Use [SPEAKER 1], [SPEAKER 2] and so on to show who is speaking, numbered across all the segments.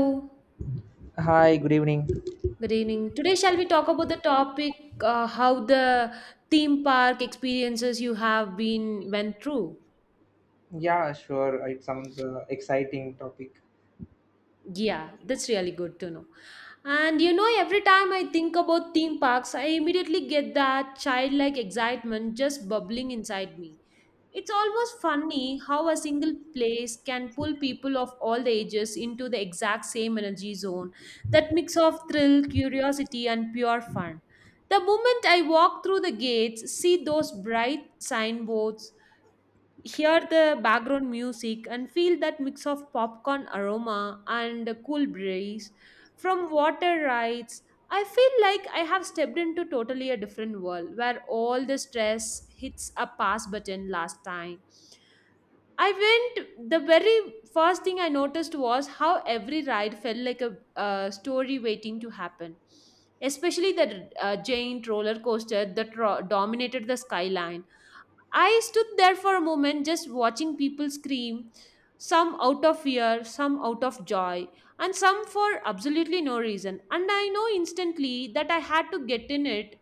[SPEAKER 1] Good
[SPEAKER 2] Hi, good evening.
[SPEAKER 1] evening. Today, shall we talk about the topic how the theme park experiences you have been went through?
[SPEAKER 2] Yeah, sure. It sounds exciting topic.
[SPEAKER 1] Yeah, that's really good to know. And you know, every time I think about theme parks, I immediately get that childlike excitement just bubbling inside me. It's almost funny how a single place can pull people of all the ages into the exact same energy zone, that mix of thrill, curiosity, and pure fun. The moment I walk through the gates, see those bright signboards, hear the background music and feel that mix of popcorn aroma and a cool breeze from water rides, I feel like I have stepped into totally a different world where all the stress hits a pass button. Last time I went, the very first thing I noticed was how every ride felt like a story waiting to happen, especially the giant roller coaster that dominated the skyline. I stood there for a moment just watching people scream, some out of fear, some out of joy, and some for absolutely no reason. And I know instantly that I had to get in it.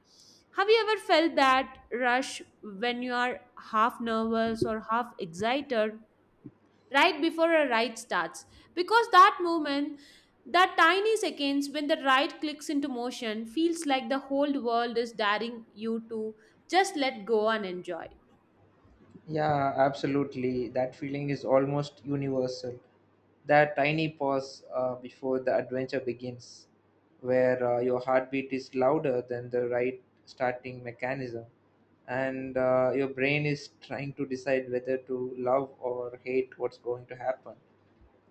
[SPEAKER 1] Have you ever felt that rush when you are half nervous or half excited right before a ride starts? Because that moment, that tiny seconds when the ride clicks into motion, feels like the whole world is daring you to just let go and enjoy.
[SPEAKER 2] Yeah, absolutely. That feeling is almost universal. That tiny pause before the adventure begins, where your heartbeat is louder than the right starting mechanism, and your brain is trying to decide whether to love or hate what's going to happen.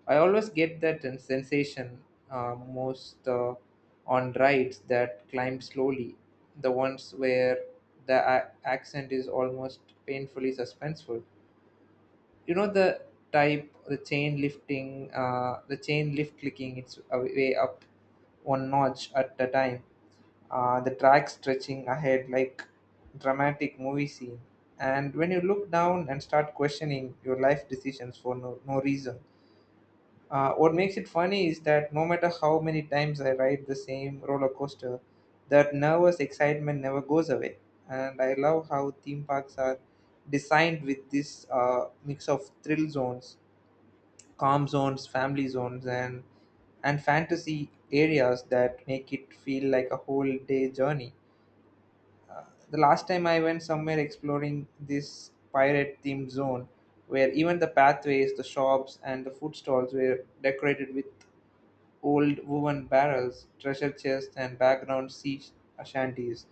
[SPEAKER 2] I always get that sensation most on rides that climb slowly, the ones where the accent is almost painfully suspenseful. You know the type, the chain lift clicking its way up one notch at a time, the track stretching ahead like dramatic movie scene. And when you look down and start questioning your life decisions for no reason. What makes it funny is that no matter how many times I ride the same roller coaster, that nervous excitement never goes away. And I love how theme parks are designed with this mix of thrill zones, calm zones, family zones, and fantasy areas that make it feel like a whole day journey. The last time I went somewhere exploring this pirate themed zone, where even the pathways, the shops, and the food stalls were decorated with old woven barrels, treasure chests, and background sea shanties.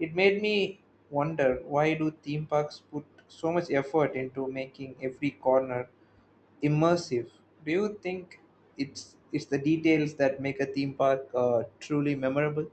[SPEAKER 2] It made me wonder, why do theme parks put so much effort into making every corner immersive? Do you think it's the details that make a theme park truly memorable?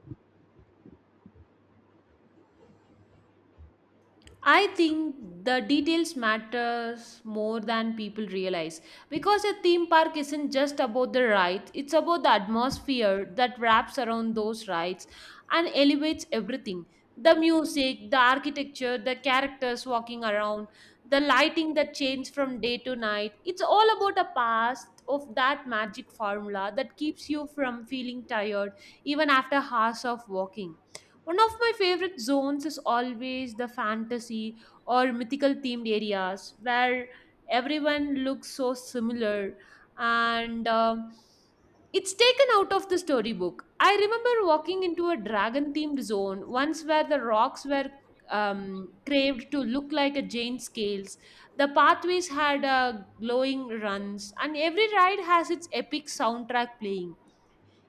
[SPEAKER 1] I think the details matters more than people realize because a theme park isn't just about the rides, it's about the atmosphere that wraps around those rides and elevates everything. The music, the architecture, the characters walking around, the lighting that changes from day to night. It's all about a past of that magic formula that keeps you from feeling tired even after hours of walking. One of my favorite zones is always the fantasy or mythical themed areas where everyone looks so similar and it's taken out of the storybook. I remember walking into a dragon themed zone once where the rocks were craved to look like a giant scales. The pathways had glowing runs, and every ride has its epic soundtrack playing.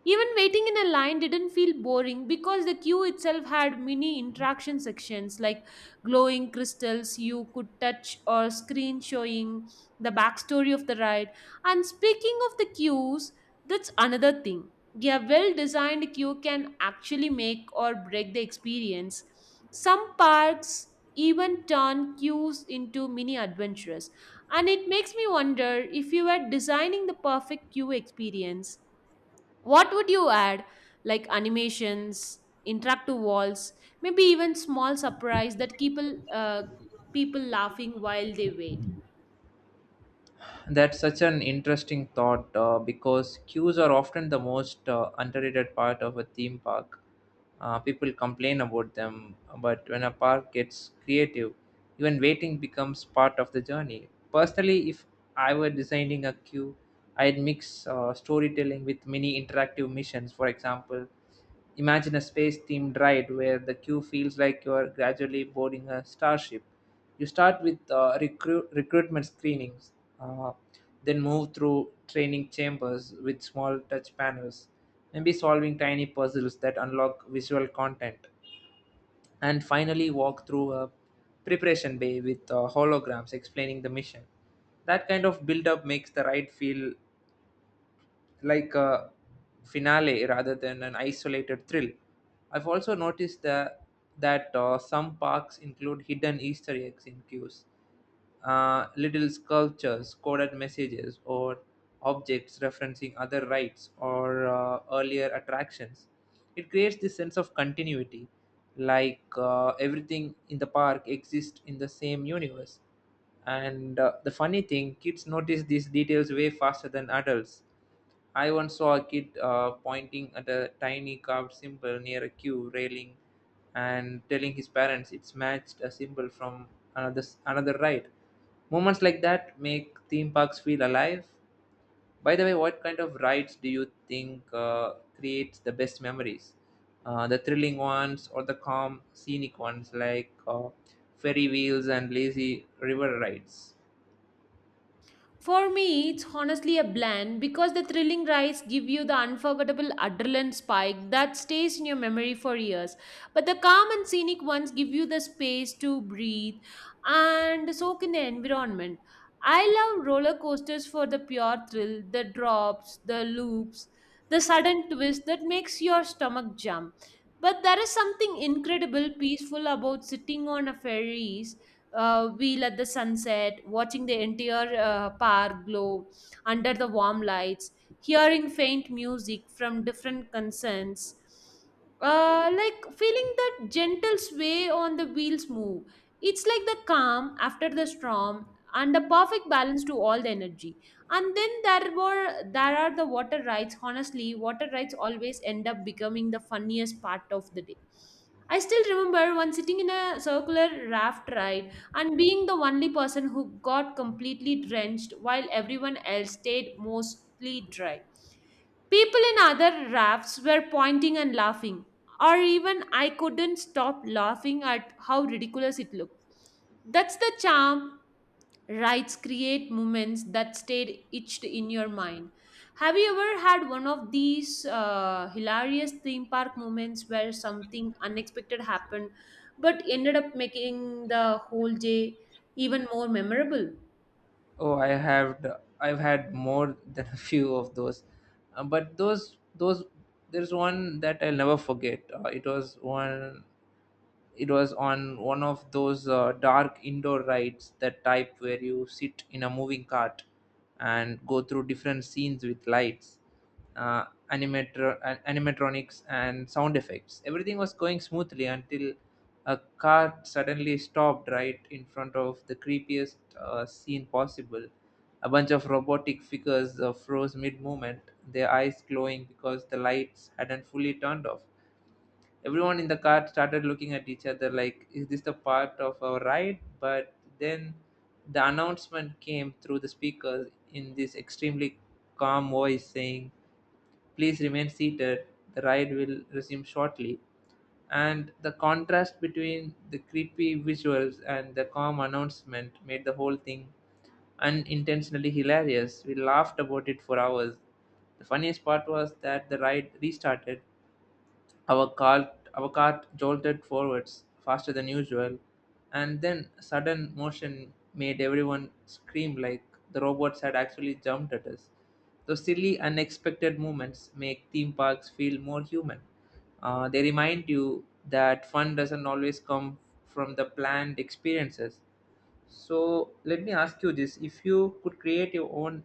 [SPEAKER 1] Even waiting in a line didn't feel boring because the queue itself had mini interaction sections like glowing crystals you could touch or screen showing the backstory of the ride. And speaking of the queues, that's another thing. A well designed queue can actually make or break the experience. Some parks even turn queues into mini adventures. And it makes me wonder, if you were designing the perfect queue experience, what would you add? Like animations, interactive walls, maybe even small surprise that people laughing while they wait.
[SPEAKER 2] That's such an interesting thought because queues are often the most underrated part of a theme park. People complain about them, but when a park gets creative, even waiting becomes part of the journey. Personally, if I were designing a queue, I'd mix storytelling with mini interactive missions. For example, imagine a space themed ride where the queue feels like you're gradually boarding a starship. You start with recruitment screenings, uh, then move through training chambers with small touch panels, maybe solving tiny puzzles that unlock visual content, and finally walk through a preparation bay with holograms explaining the mission. That kind of build up makes the ride feel like a finale rather than an isolated thrill. I've also noticed that some parks include hidden Easter eggs in queues, little sculptures, coded messages, or objects referencing other rides or earlier attractions. It creates this sense of continuity, like everything in the park exists in the same universe. And the funny thing, kids notice these details way faster than adults. I once saw a kid pointing at a tiny carved symbol near a queue railing and telling his parents it's matched a symbol from another ride. Moments like that make theme parks feel alive. By the way, what kind of rides do you think creates the best memories? The thrilling ones or the calm, scenic ones like ferry wheels and lazy river rides?
[SPEAKER 1] For me, it's honestly a blend because the thrilling rides give you the unforgettable adrenaline spike that stays in your memory for years. But the calm and scenic ones give you the space to breathe and soak in the environment. I love roller coasters for the pure thrill, the drops, the loops, the sudden twist that makes your stomach jump. But there is something incredible peaceful about sitting on a ferries wheel at the sunset, watching the entire park glow under the warm lights, hearing faint music from different concerns, like feeling that gentle sway on the wheels move. It's like the calm after the storm and a perfect balance to all the energy. And then there are the water rides. Honestly, water rides always end up becoming the funniest part of the day. I still remember one sitting in a circular raft ride and being the only person who got completely drenched while everyone else stayed mostly dry. People in other rafts were pointing and laughing, or even I couldn't stop laughing at how ridiculous it looked. That's the charm. Rights create moments that stayed etched in your mind. Have you ever had one of these hilarious theme park moments where something unexpected happened but ended up making the whole day even more memorable?
[SPEAKER 2] Oh, I've had more than a few of those, but those there's one that I'll never forget. It was on one of those dark indoor rides, that type where you sit in a moving cart and go through different scenes with lights, uh, animatronics and sound effects. Everything was going smoothly until a cart suddenly stopped right in front of the creepiest scene possible. A bunch of robotic figures froze mid movement, their eyes glowing because the lights hadn't fully turned off. Everyone in the car started looking at each other like, is this the part of our ride? But then the announcement came through the speakers in this extremely calm voice saying, please remain seated, the ride will resume shortly. And the contrast between the creepy visuals and the calm announcement made the whole thing unintentionally hilarious. We laughed about it for hours. The funniest part was that the ride restarted. Our cart, our cart jolted forwards faster than usual, and then sudden motion made everyone scream like the robots had actually jumped at us. Those silly, unexpected movements make theme parks feel more human. They remind you that fun doesn't always come from the planned experiences. So let me ask you this: if you could create your own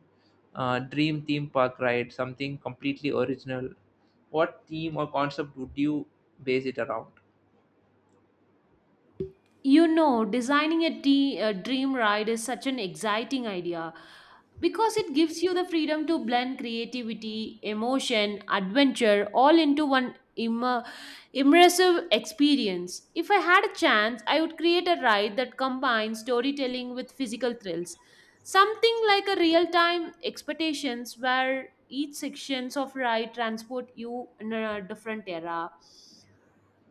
[SPEAKER 2] dream theme park ride, something completely original, what theme or concept would you base it around?
[SPEAKER 1] You know, designing a, a dream ride is such an exciting idea because it gives you the freedom to blend creativity, emotion, adventure all into one immersive experience. If I had a chance, I would create a ride that combines storytelling with physical thrills. Something like a real-time expectations where each sections of ride transport you in a different era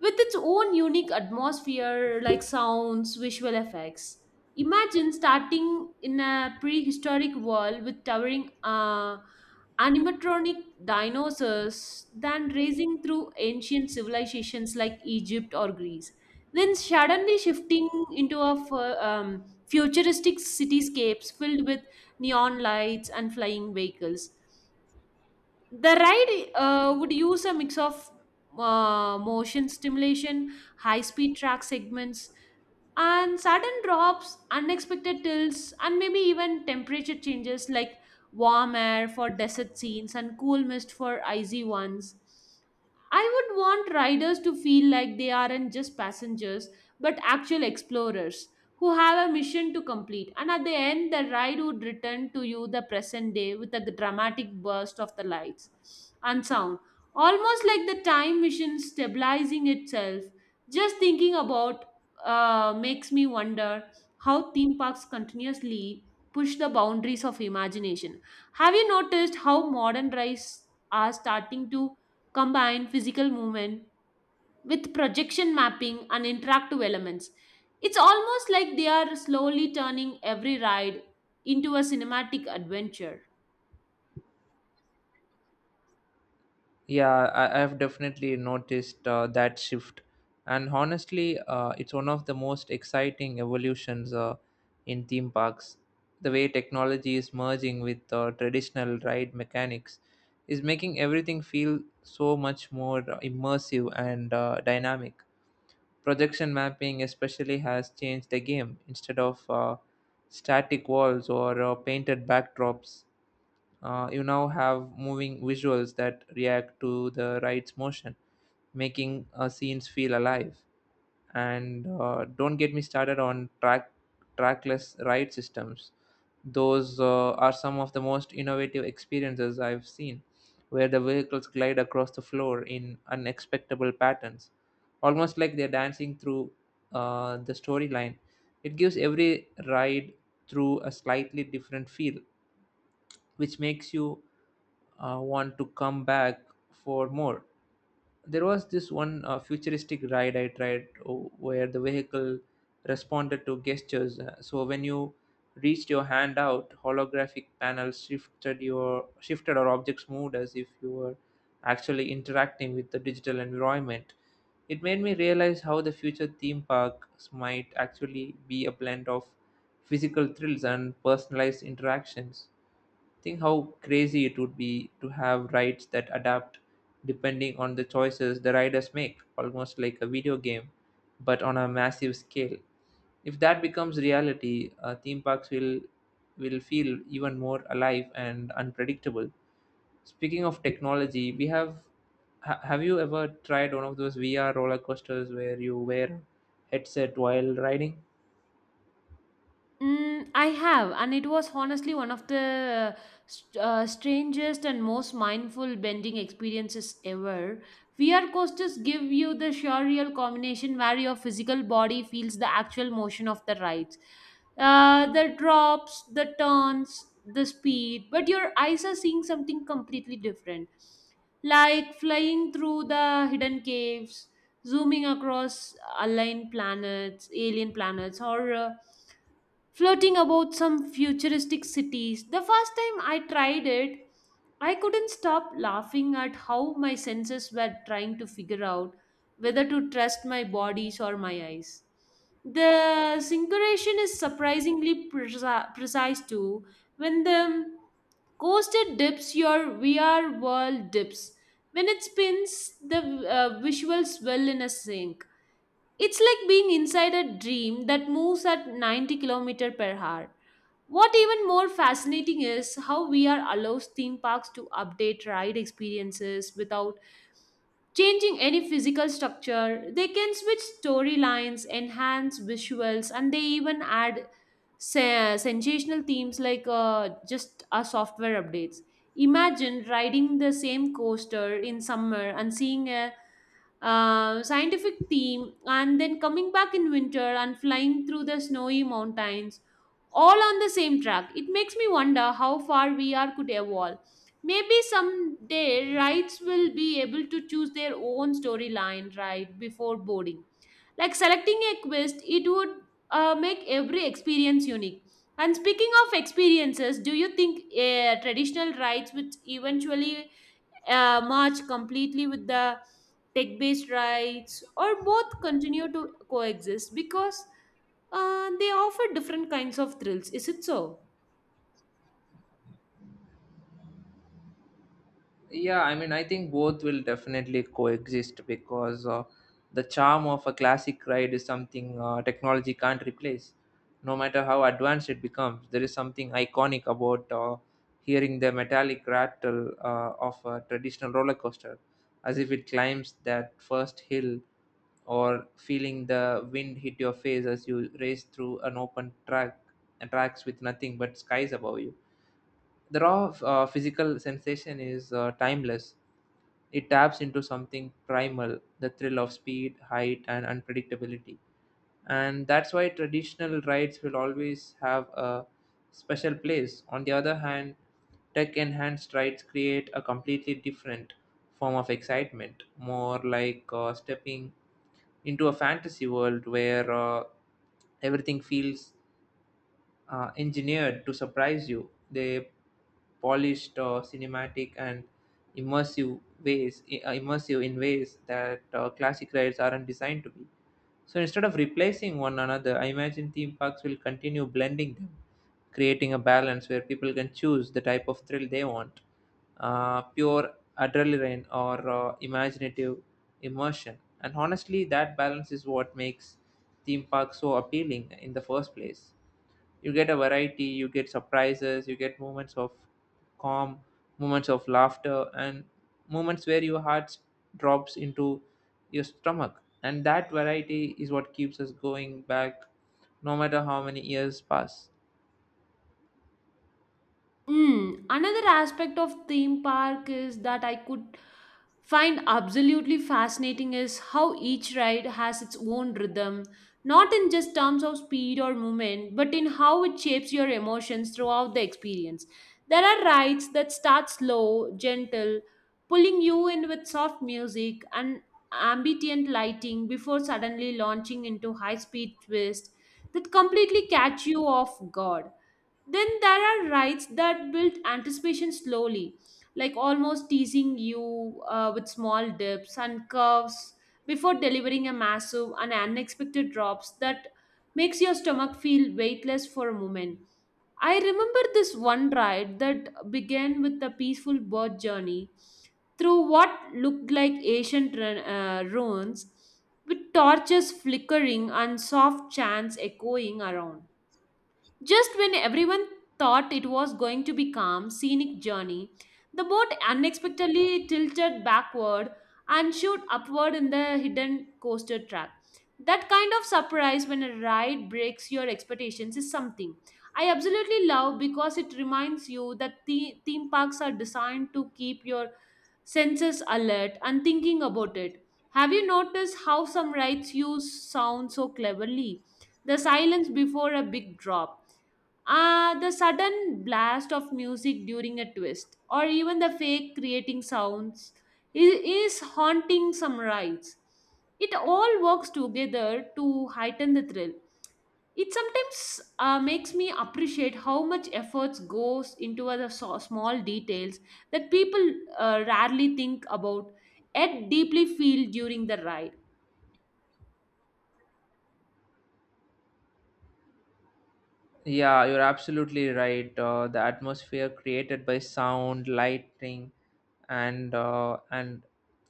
[SPEAKER 1] with its own unique atmosphere like sounds, visual effects. Imagine starting in a prehistoric world with towering animatronic dinosaurs, then racing through ancient civilizations like Egypt or Greece, then suddenly shifting into a futuristic cityscapes filled with neon lights and flying vehicles. The ride would use a mix of motion stimulation, high speed track segments, and sudden drops, unexpected tilts, and maybe even temperature changes like warm air for desert scenes and cool mist for icy ones. I would want riders to feel like they aren't just passengers, but actual explorers who have a mission to complete. And at the end, the ride would return to you the present day with a dramatic burst of the lights and sound, almost like the time machine stabilizing itself. Just thinking about makes me wonder how theme parks continuously push the boundaries of imagination. Have you noticed how modern rides are starting to combine physical movement with projection mapping and interactive elements? It's almost like they are slowly turning every ride into a cinematic adventure.
[SPEAKER 2] Yeah, I've definitely noticed that shift, and honestly, it's one of the most exciting evolutions in theme parks. The way technology is merging with traditional ride mechanics is making everything feel so much more immersive and dynamic. Projection mapping especially has changed the game. Instead of static walls or painted backdrops, you now have moving visuals that react to the ride's motion, making scenes feel alive. And don't get me started on trackless ride systems. Those are some of the most innovative experiences I've seen, where the vehicles glide across the floor in unexpectable patterns, almost like they're dancing through the storyline. It gives every ride through a slightly different feel, which makes you want to come back for more. There was this one futuristic ride I tried where the vehicle responded to gestures. So when you reached your hand out, holographic panels shifted or objects moved as if you were actually interacting with the digital environment. It made me realize how the future theme parks might actually be a blend of physical thrills and personalized interactions. Think how crazy it would be to have rides that adapt depending on the choices the riders make, almost like a video game, but on a massive scale. If that becomes reality, theme parks will feel even more alive and unpredictable. Speaking of technology, have you ever tried one of those VR roller coasters where you wear a headset while riding?
[SPEAKER 1] Mm, I have, and it was honestly one of the strangest and most mindful bending experiences ever. VR coasters give you the surreal combination where your physical body feels the actual motion of the rides, the drops, the turns, the speed, but your eyes are seeing something completely different, like flying through the hidden caves, zooming across aligned planets, alien planets, or floating about some futuristic cities. The first time I tried it, I couldn't stop laughing at how my senses were trying to figure out whether to trust my bodies or my eyes. The syncration is surprisingly precise too. When the coaster dips, your VR world dips. When it spins, the visuals swell in a sync. It's like being inside a dream that moves at 90 kilometers per hour. What even more fascinating is how VR allows theme parks to update ride experiences without changing any physical structure. They can switch storylines, enhance visuals, and they even add sensational themes like just a software updates. Imagine riding the same coaster in summer and seeing a scientific theme, and then coming back in winter and flying through the snowy mountains all on the same track. It makes me wonder how far VR could evolve. Maybe someday rights will be able to choose their own storyline right before boarding. Like selecting a quest, it would make every experience unique. And speaking of experiences, do you think traditional rides would eventually merge completely with the tech based rights, or both continue to coexist because they offer different kinds of thrills. Is it so?
[SPEAKER 2] Yeah, I mean, I think both will definitely coexist because the charm of a classic ride is something technology can't replace. No matter how advanced it becomes, there is something iconic about hearing the metallic rattle of a traditional roller coaster, as if it climbs that first hill, or feeling the wind hit your face as you race through an open track, and tracks with nothing but skies above you. The raw physical sensation is timeless. It taps into something primal, the thrill of speed, height, and unpredictability. And that's why traditional rides will always have a special place. On the other hand, tech enhanced rides create a completely different form of excitement, more like stepping into a fantasy world where everything feels engineered to surprise you. They polished cinematic and immersive in ways that classic rides aren't designed to be. So instead of replacing one another, I imagine theme parks will continue blending them, creating a balance where people can choose the type of thrill they want, pure adrenaline or imaginative immersion. And honestly, that balance is what makes theme parks so appealing in the first place. You get a variety, you get surprises, you get moments of calm, moments of laughter, and moments where your heart drops into your stomach. And that variety is what keeps us going back no matter how many years pass.
[SPEAKER 1] Mm, another aspect of theme park is that I could find absolutely fascinating is how each ride has its own rhythm, not in just terms of speed or movement, but in how it shapes your emotions throughout the experience. There are rides that start slow, gentle, pulling you in with soft music and ambient lighting before suddenly launching into high-speed twists that completely catch you off guard. Then there are rides that build anticipation slowly, like almost teasing you with small dips and curves before delivering a massive and unexpected drops that makes your stomach feel weightless for a moment. I remember this one ride that began with a peaceful boat journey through what looked like ancient ruins, with torches flickering and soft chants echoing around. Just when everyone thought it was going to be calm, scenic journey, the boat unexpectedly tilted backward and shot upward in the hidden coaster track. That kind of surprise when a ride breaks your expectations is something I absolutely love because it reminds you that theme parks are designed to keep your senses alert and thinking about it. Have you noticed how some rides use sound so cleverly? The silence before a big drop, the sudden blast of music during a twist, or even the fake creating sounds, is haunting some rides. It all works together to heighten the thrill. It sometimes makes me appreciate how much efforts goes into the small details that people rarely think about, yet deeply feel during the ride.
[SPEAKER 2] Yeah, you're absolutely right. The atmosphere created by sound, lighting, and uh, and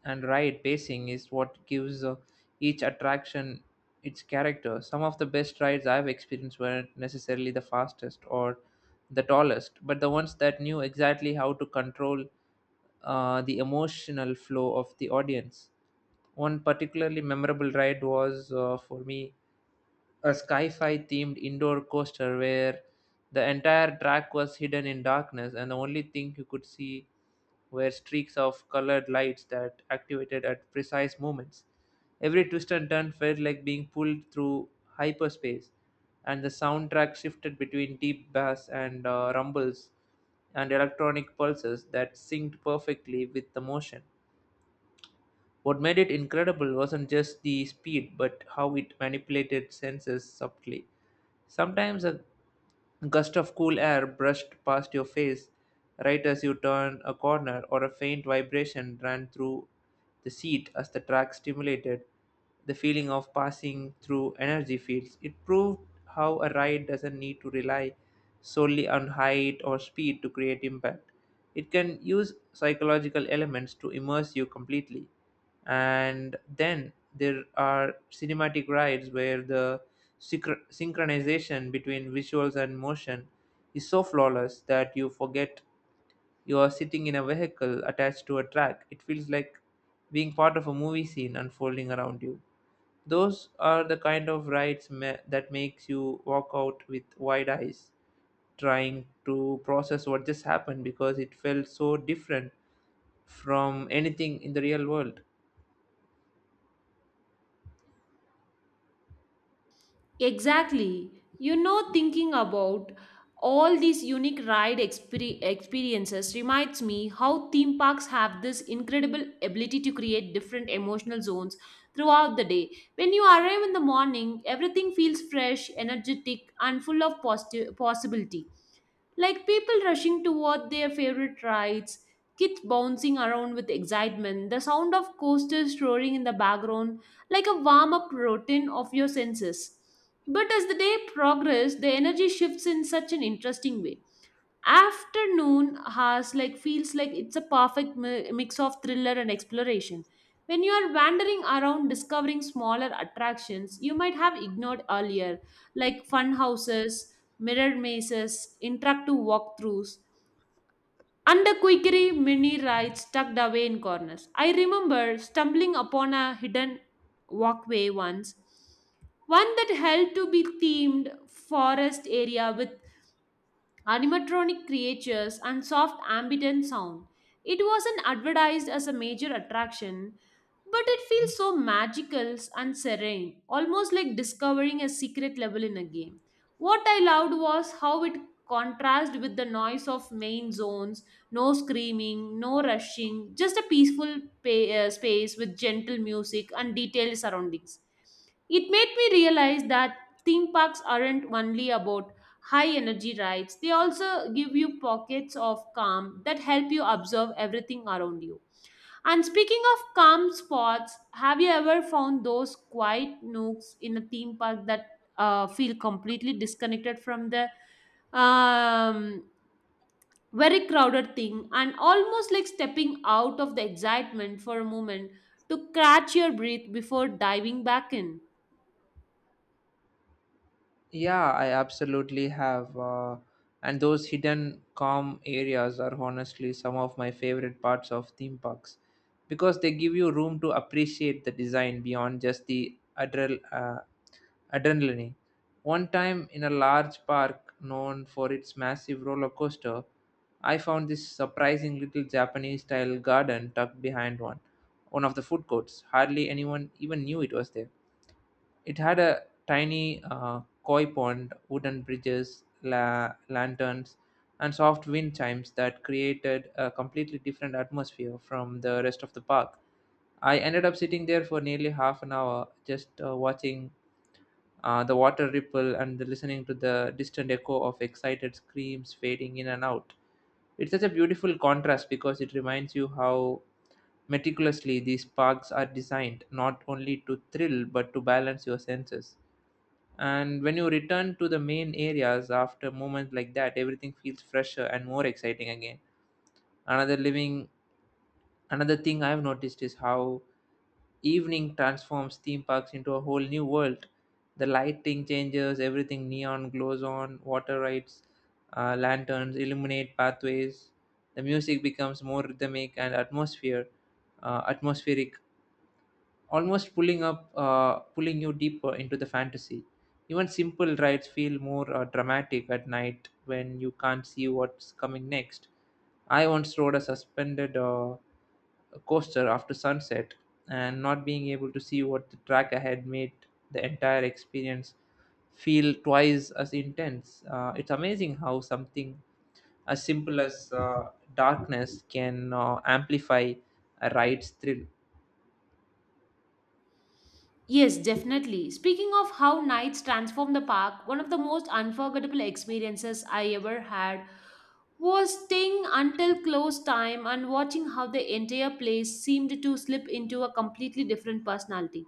[SPEAKER 2] and ride pacing is what gives each attraction its character. Some of the best rides I've experienced weren't necessarily the fastest or the tallest, but the ones that knew exactly how to control the emotional flow of the audience. One particularly memorable ride was, for me, a sci-fi themed indoor coaster where the entire track was hidden in darkness and the only thing you could see were streaks of colored lights that activated at precise moments. Every twist and turn felt like being pulled through hyperspace, and the soundtrack shifted between deep bass and rumbles and electronic pulses that synced perfectly with the motion. What made it incredible wasn't just the speed, but how it manipulated senses subtly. Sometimes a gust of cool air brushed past your face right as you turned a corner, or a faint vibration ran through the seat as the track stimulated the feeling of passing through energy fields. It proved how a ride doesn't need to rely solely on height or speed to create impact. It can use psychological elements to immerse you completely. And then there are cinematic rides where the synchronization between visuals and motion is so flawless that you forget you are sitting in a vehicle attached to a track. It feels like being part of a movie scene unfolding around you. Those are the kind of rides that makes you walk out with wide eyes, trying to process what just happened because it felt so different from anything in the real world.
[SPEAKER 1] Exactly. You know, thinking about all these unique ride experiences reminds me how theme parks have this incredible ability to create different emotional zones throughout the day. When you arrive in the morning, everything feels fresh, energetic, and full of possibility, like people rushing toward their favorite rides, kids bouncing around with excitement, the sound of coasters roaring in the background, like a warm up routine of your senses. But as the day progresses, the energy shifts in such an interesting way. Afternoon has like feels like it's a perfect mix of thriller and exploration, when you are wandering around discovering smaller attractions you might have ignored earlier, like fun houses, mirror mazes, interactive walkthroughs, and the quickery mini rides tucked away in corners. I remember stumbling upon a hidden walkway once, one that held to be themed forest area with animatronic creatures, and soft ambient sound. It wasn't advertised as a major attraction, but it feels so magical and serene, almost like discovering a secret level in a game. What I loved was how it contrasted with the noise of main zones. No screaming, no rushing, just a peaceful space with gentle music and detailed surroundings. It made me realize that theme parks aren't only about high energy rides, they also give you pockets of calm that help you observe everything around you. And speaking of calm spots, have you ever found those quiet nooks in a theme park that feel completely disconnected from the um, very crowded thing, and almost like stepping out of the excitement for a moment to catch your breath before diving back in?
[SPEAKER 2] Yeah, I absolutely have. And those hidden calm areas are honestly some of my favorite parts of theme parks because they give you room to appreciate the design beyond just the adrenaline. One time in a large park known for its massive roller coaster, I found this surprising little Japanese style garden tucked behind one of the food courts. Hardly anyone even knew it was there. It had a tiny koi pond, wooden bridges, lanterns, and soft wind chimes that created a completely different atmosphere from the rest of the park. I ended up sitting there for nearly half an hour just watching the water ripple, and the listening to the distant echo of excited screams fading in and out. It's such a beautiful contrast because it reminds you how meticulously these parks are designed not only to thrill but to balance your senses. And when you return to the main areas after moments like that, everything feels fresher and more exciting again. Another living, Another thing I've noticed is how evening transforms theme parks into a whole new world. The lighting changes, everything neon glows on, water rides, lanterns illuminate pathways. The music becomes more rhythmic and atmospheric, almost pulling you deeper into the fantasy. Even simple rides feel more dramatic at night when you can't see what's coming next. I once rode a suspended coaster after sunset, and not being able to see what the track ahead made the entire experience feel twice as intense. It's amazing how something as simple as darkness can amplify a ride's thrill.
[SPEAKER 1] Yes, definitely. Speaking of how nights transform the park, one of the most unforgettable experiences I ever had was staying until close time and watching how the entire place seemed to slip into a completely different personality.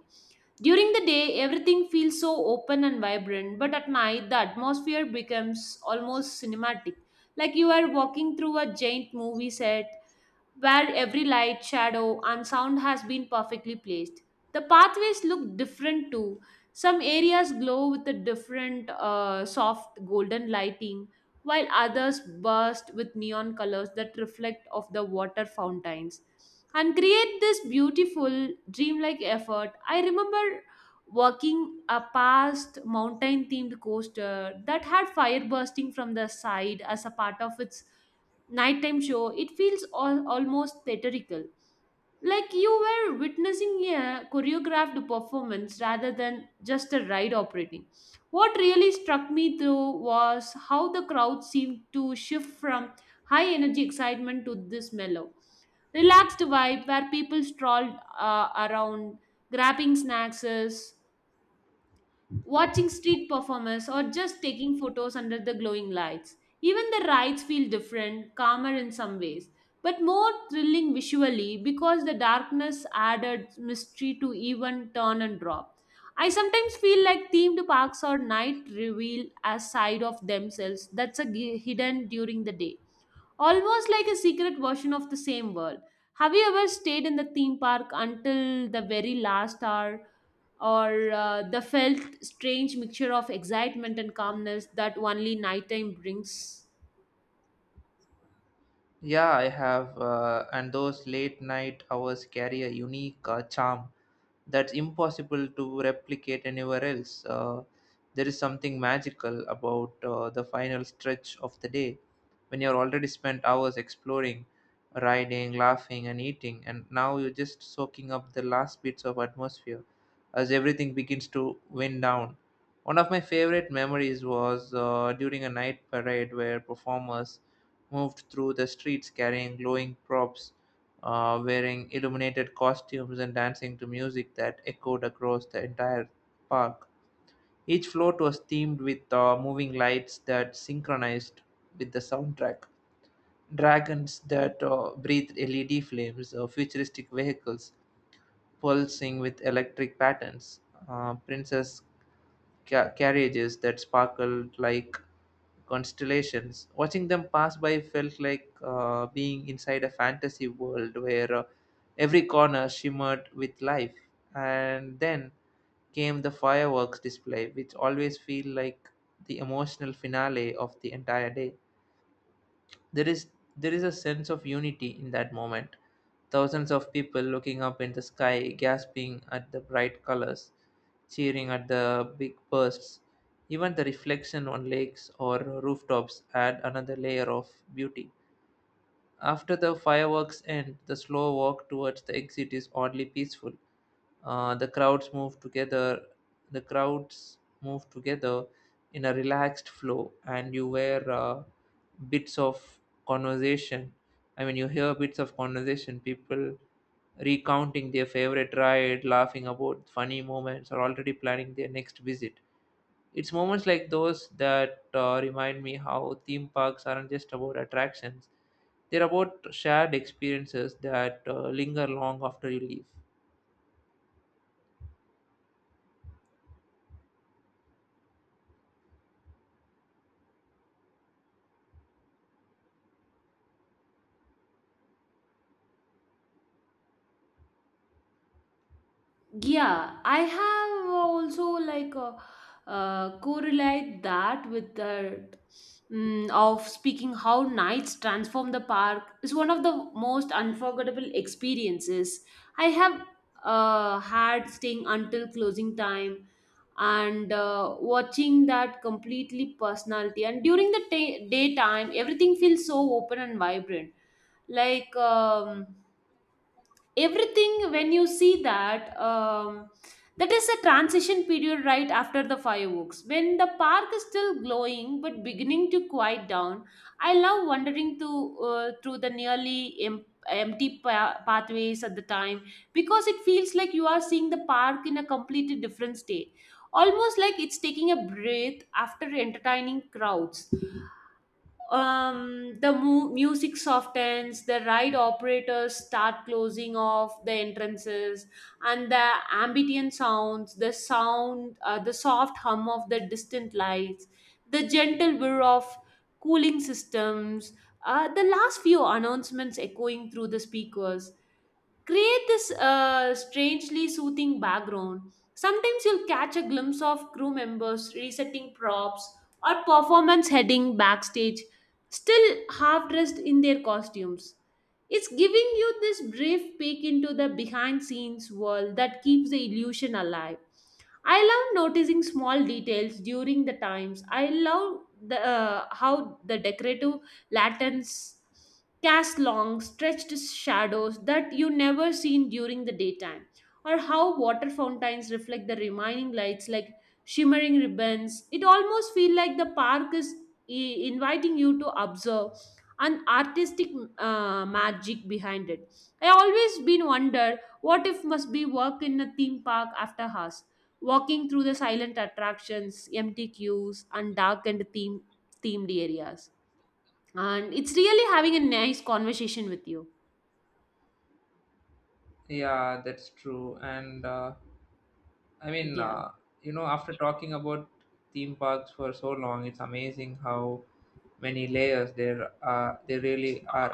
[SPEAKER 1] During the day, everything feels so open and vibrant, but at night, the atmosphere becomes almost cinematic, like you are walking through a giant movie set where every light, shadow, and sound has been perfectly placed. The pathways look different too. Some areas glow with a different soft golden lighting, while others burst with neon colors that reflect off the water fountains and create this beautiful dreamlike effort. I remember walking a past mountain themed coaster that had fire bursting from the side as a part of its nighttime show, it feels all, almost theatrical. Like you were witnessing a choreographed performance rather than just a ride operating. What really struck me though was how the crowd seemed to shift from high energy excitement to this mellow, relaxed vibe where people strolled around, grabbing snacks, watching street performers, or just taking photos under the glowing lights. Even the rides feel different, calmer in some ways, but more thrilling visually because the darkness added mystery to even turn and drop. I sometimes feel like themed parks or night reveal a side of themselves that's a hidden during the day, almost like a secret version of the same world. Have you ever stayed in the theme park until the very last hour, or the felt strange mixture of excitement and calmness that only nighttime brings?
[SPEAKER 2] Yeah, I have, and those late night hours carry a unique charm that's impossible to replicate anywhere else. There is something magical about the final stretch of the day when you're already spent hours exploring, riding, laughing, and eating, and now you're just soaking up the last bits of atmosphere as everything begins to wind down. One of my favorite memories was during a night parade where performers moved through the streets carrying glowing props, wearing illuminated costumes and dancing to music that echoed across the entire park. Each float was themed with moving lights that synchronized with the soundtrack, dragons that breathed LED flames, futuristic vehicles pulsing with electric patterns, princess carriages that sparkled like constellations. Watching them pass by felt like being inside a fantasy world where every corner shimmered with life. And then came the fireworks display, which always feel like the emotional finale of the entire day. There is there is a sense of unity in that moment. Thousands of people looking up in the sky, gasping at the bright colors, cheering at the big bursts. Even the reflection on lakes or rooftops add another layer of beauty. After the fireworks end, the slow walk towards the exit is oddly peaceful. The crowds move together in a relaxed flow, and you wear bits of conversation. I mean, you hear bits of conversation. People recounting their favorite ride, laughing about funny moments, or already planning their next visit. It's moments like those that remind me how theme parks aren't just about attractions, they're about shared experiences that linger long after you leave.
[SPEAKER 1] Yeah, I have also like correlate that with the of speaking how nights transform the park is one of the most unforgettable experiences I have had, staying until closing time and watching that completely personality, and during the day daytime everything feels so open and vibrant, like everything when you see that that is a transition period right after the fireworks when the park is still glowing but beginning to quiet down. I love wandering to through the nearly empty pathways at the time, because it feels like you are seeing the park in a completely different state, almost like it's taking a breath after entertaining crowds. The music softens, the ride operators start closing off the entrances, and the ambient sounds, the sound, the soft hum of the distant lights, the gentle whir of cooling systems, the last few announcements echoing through the speakers create this strangely soothing background. Sometimes you'll catch a glimpse of crew members resetting props or performance heading backstage, still half dressed in their costumes. It's giving you this brief peek into the behind scenes world that keeps the illusion alive. I love noticing small details during the times. I love the how the decorative lanterns cast long, stretched shadows that you never seen during the daytime, or how water fountains reflect the remaining lights like shimmering ribbons. It almost feels like the park is inviting you to observe an artistic magic behind it. I always been wondered what if must be work in a theme park after hours, walking through the silent attractions, empty queues, and dark and themed areas. And it's really having a nice conversation with you.
[SPEAKER 2] Yeah, that's true. I mean,
[SPEAKER 1] Yeah.
[SPEAKER 2] uh, you know, after talking about theme parks for so long, it's amazing how many layers there are. They really are.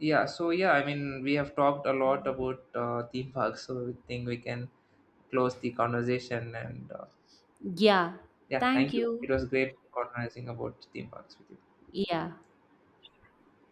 [SPEAKER 2] Yeah. So yeah, I mean, we have talked a lot about theme parks, so I think we can close the conversation and
[SPEAKER 1] Yeah.
[SPEAKER 2] yeah,
[SPEAKER 1] Thank
[SPEAKER 2] thank you. It
[SPEAKER 1] you.
[SPEAKER 2] was great organizing about theme parks with you.
[SPEAKER 1] Yeah.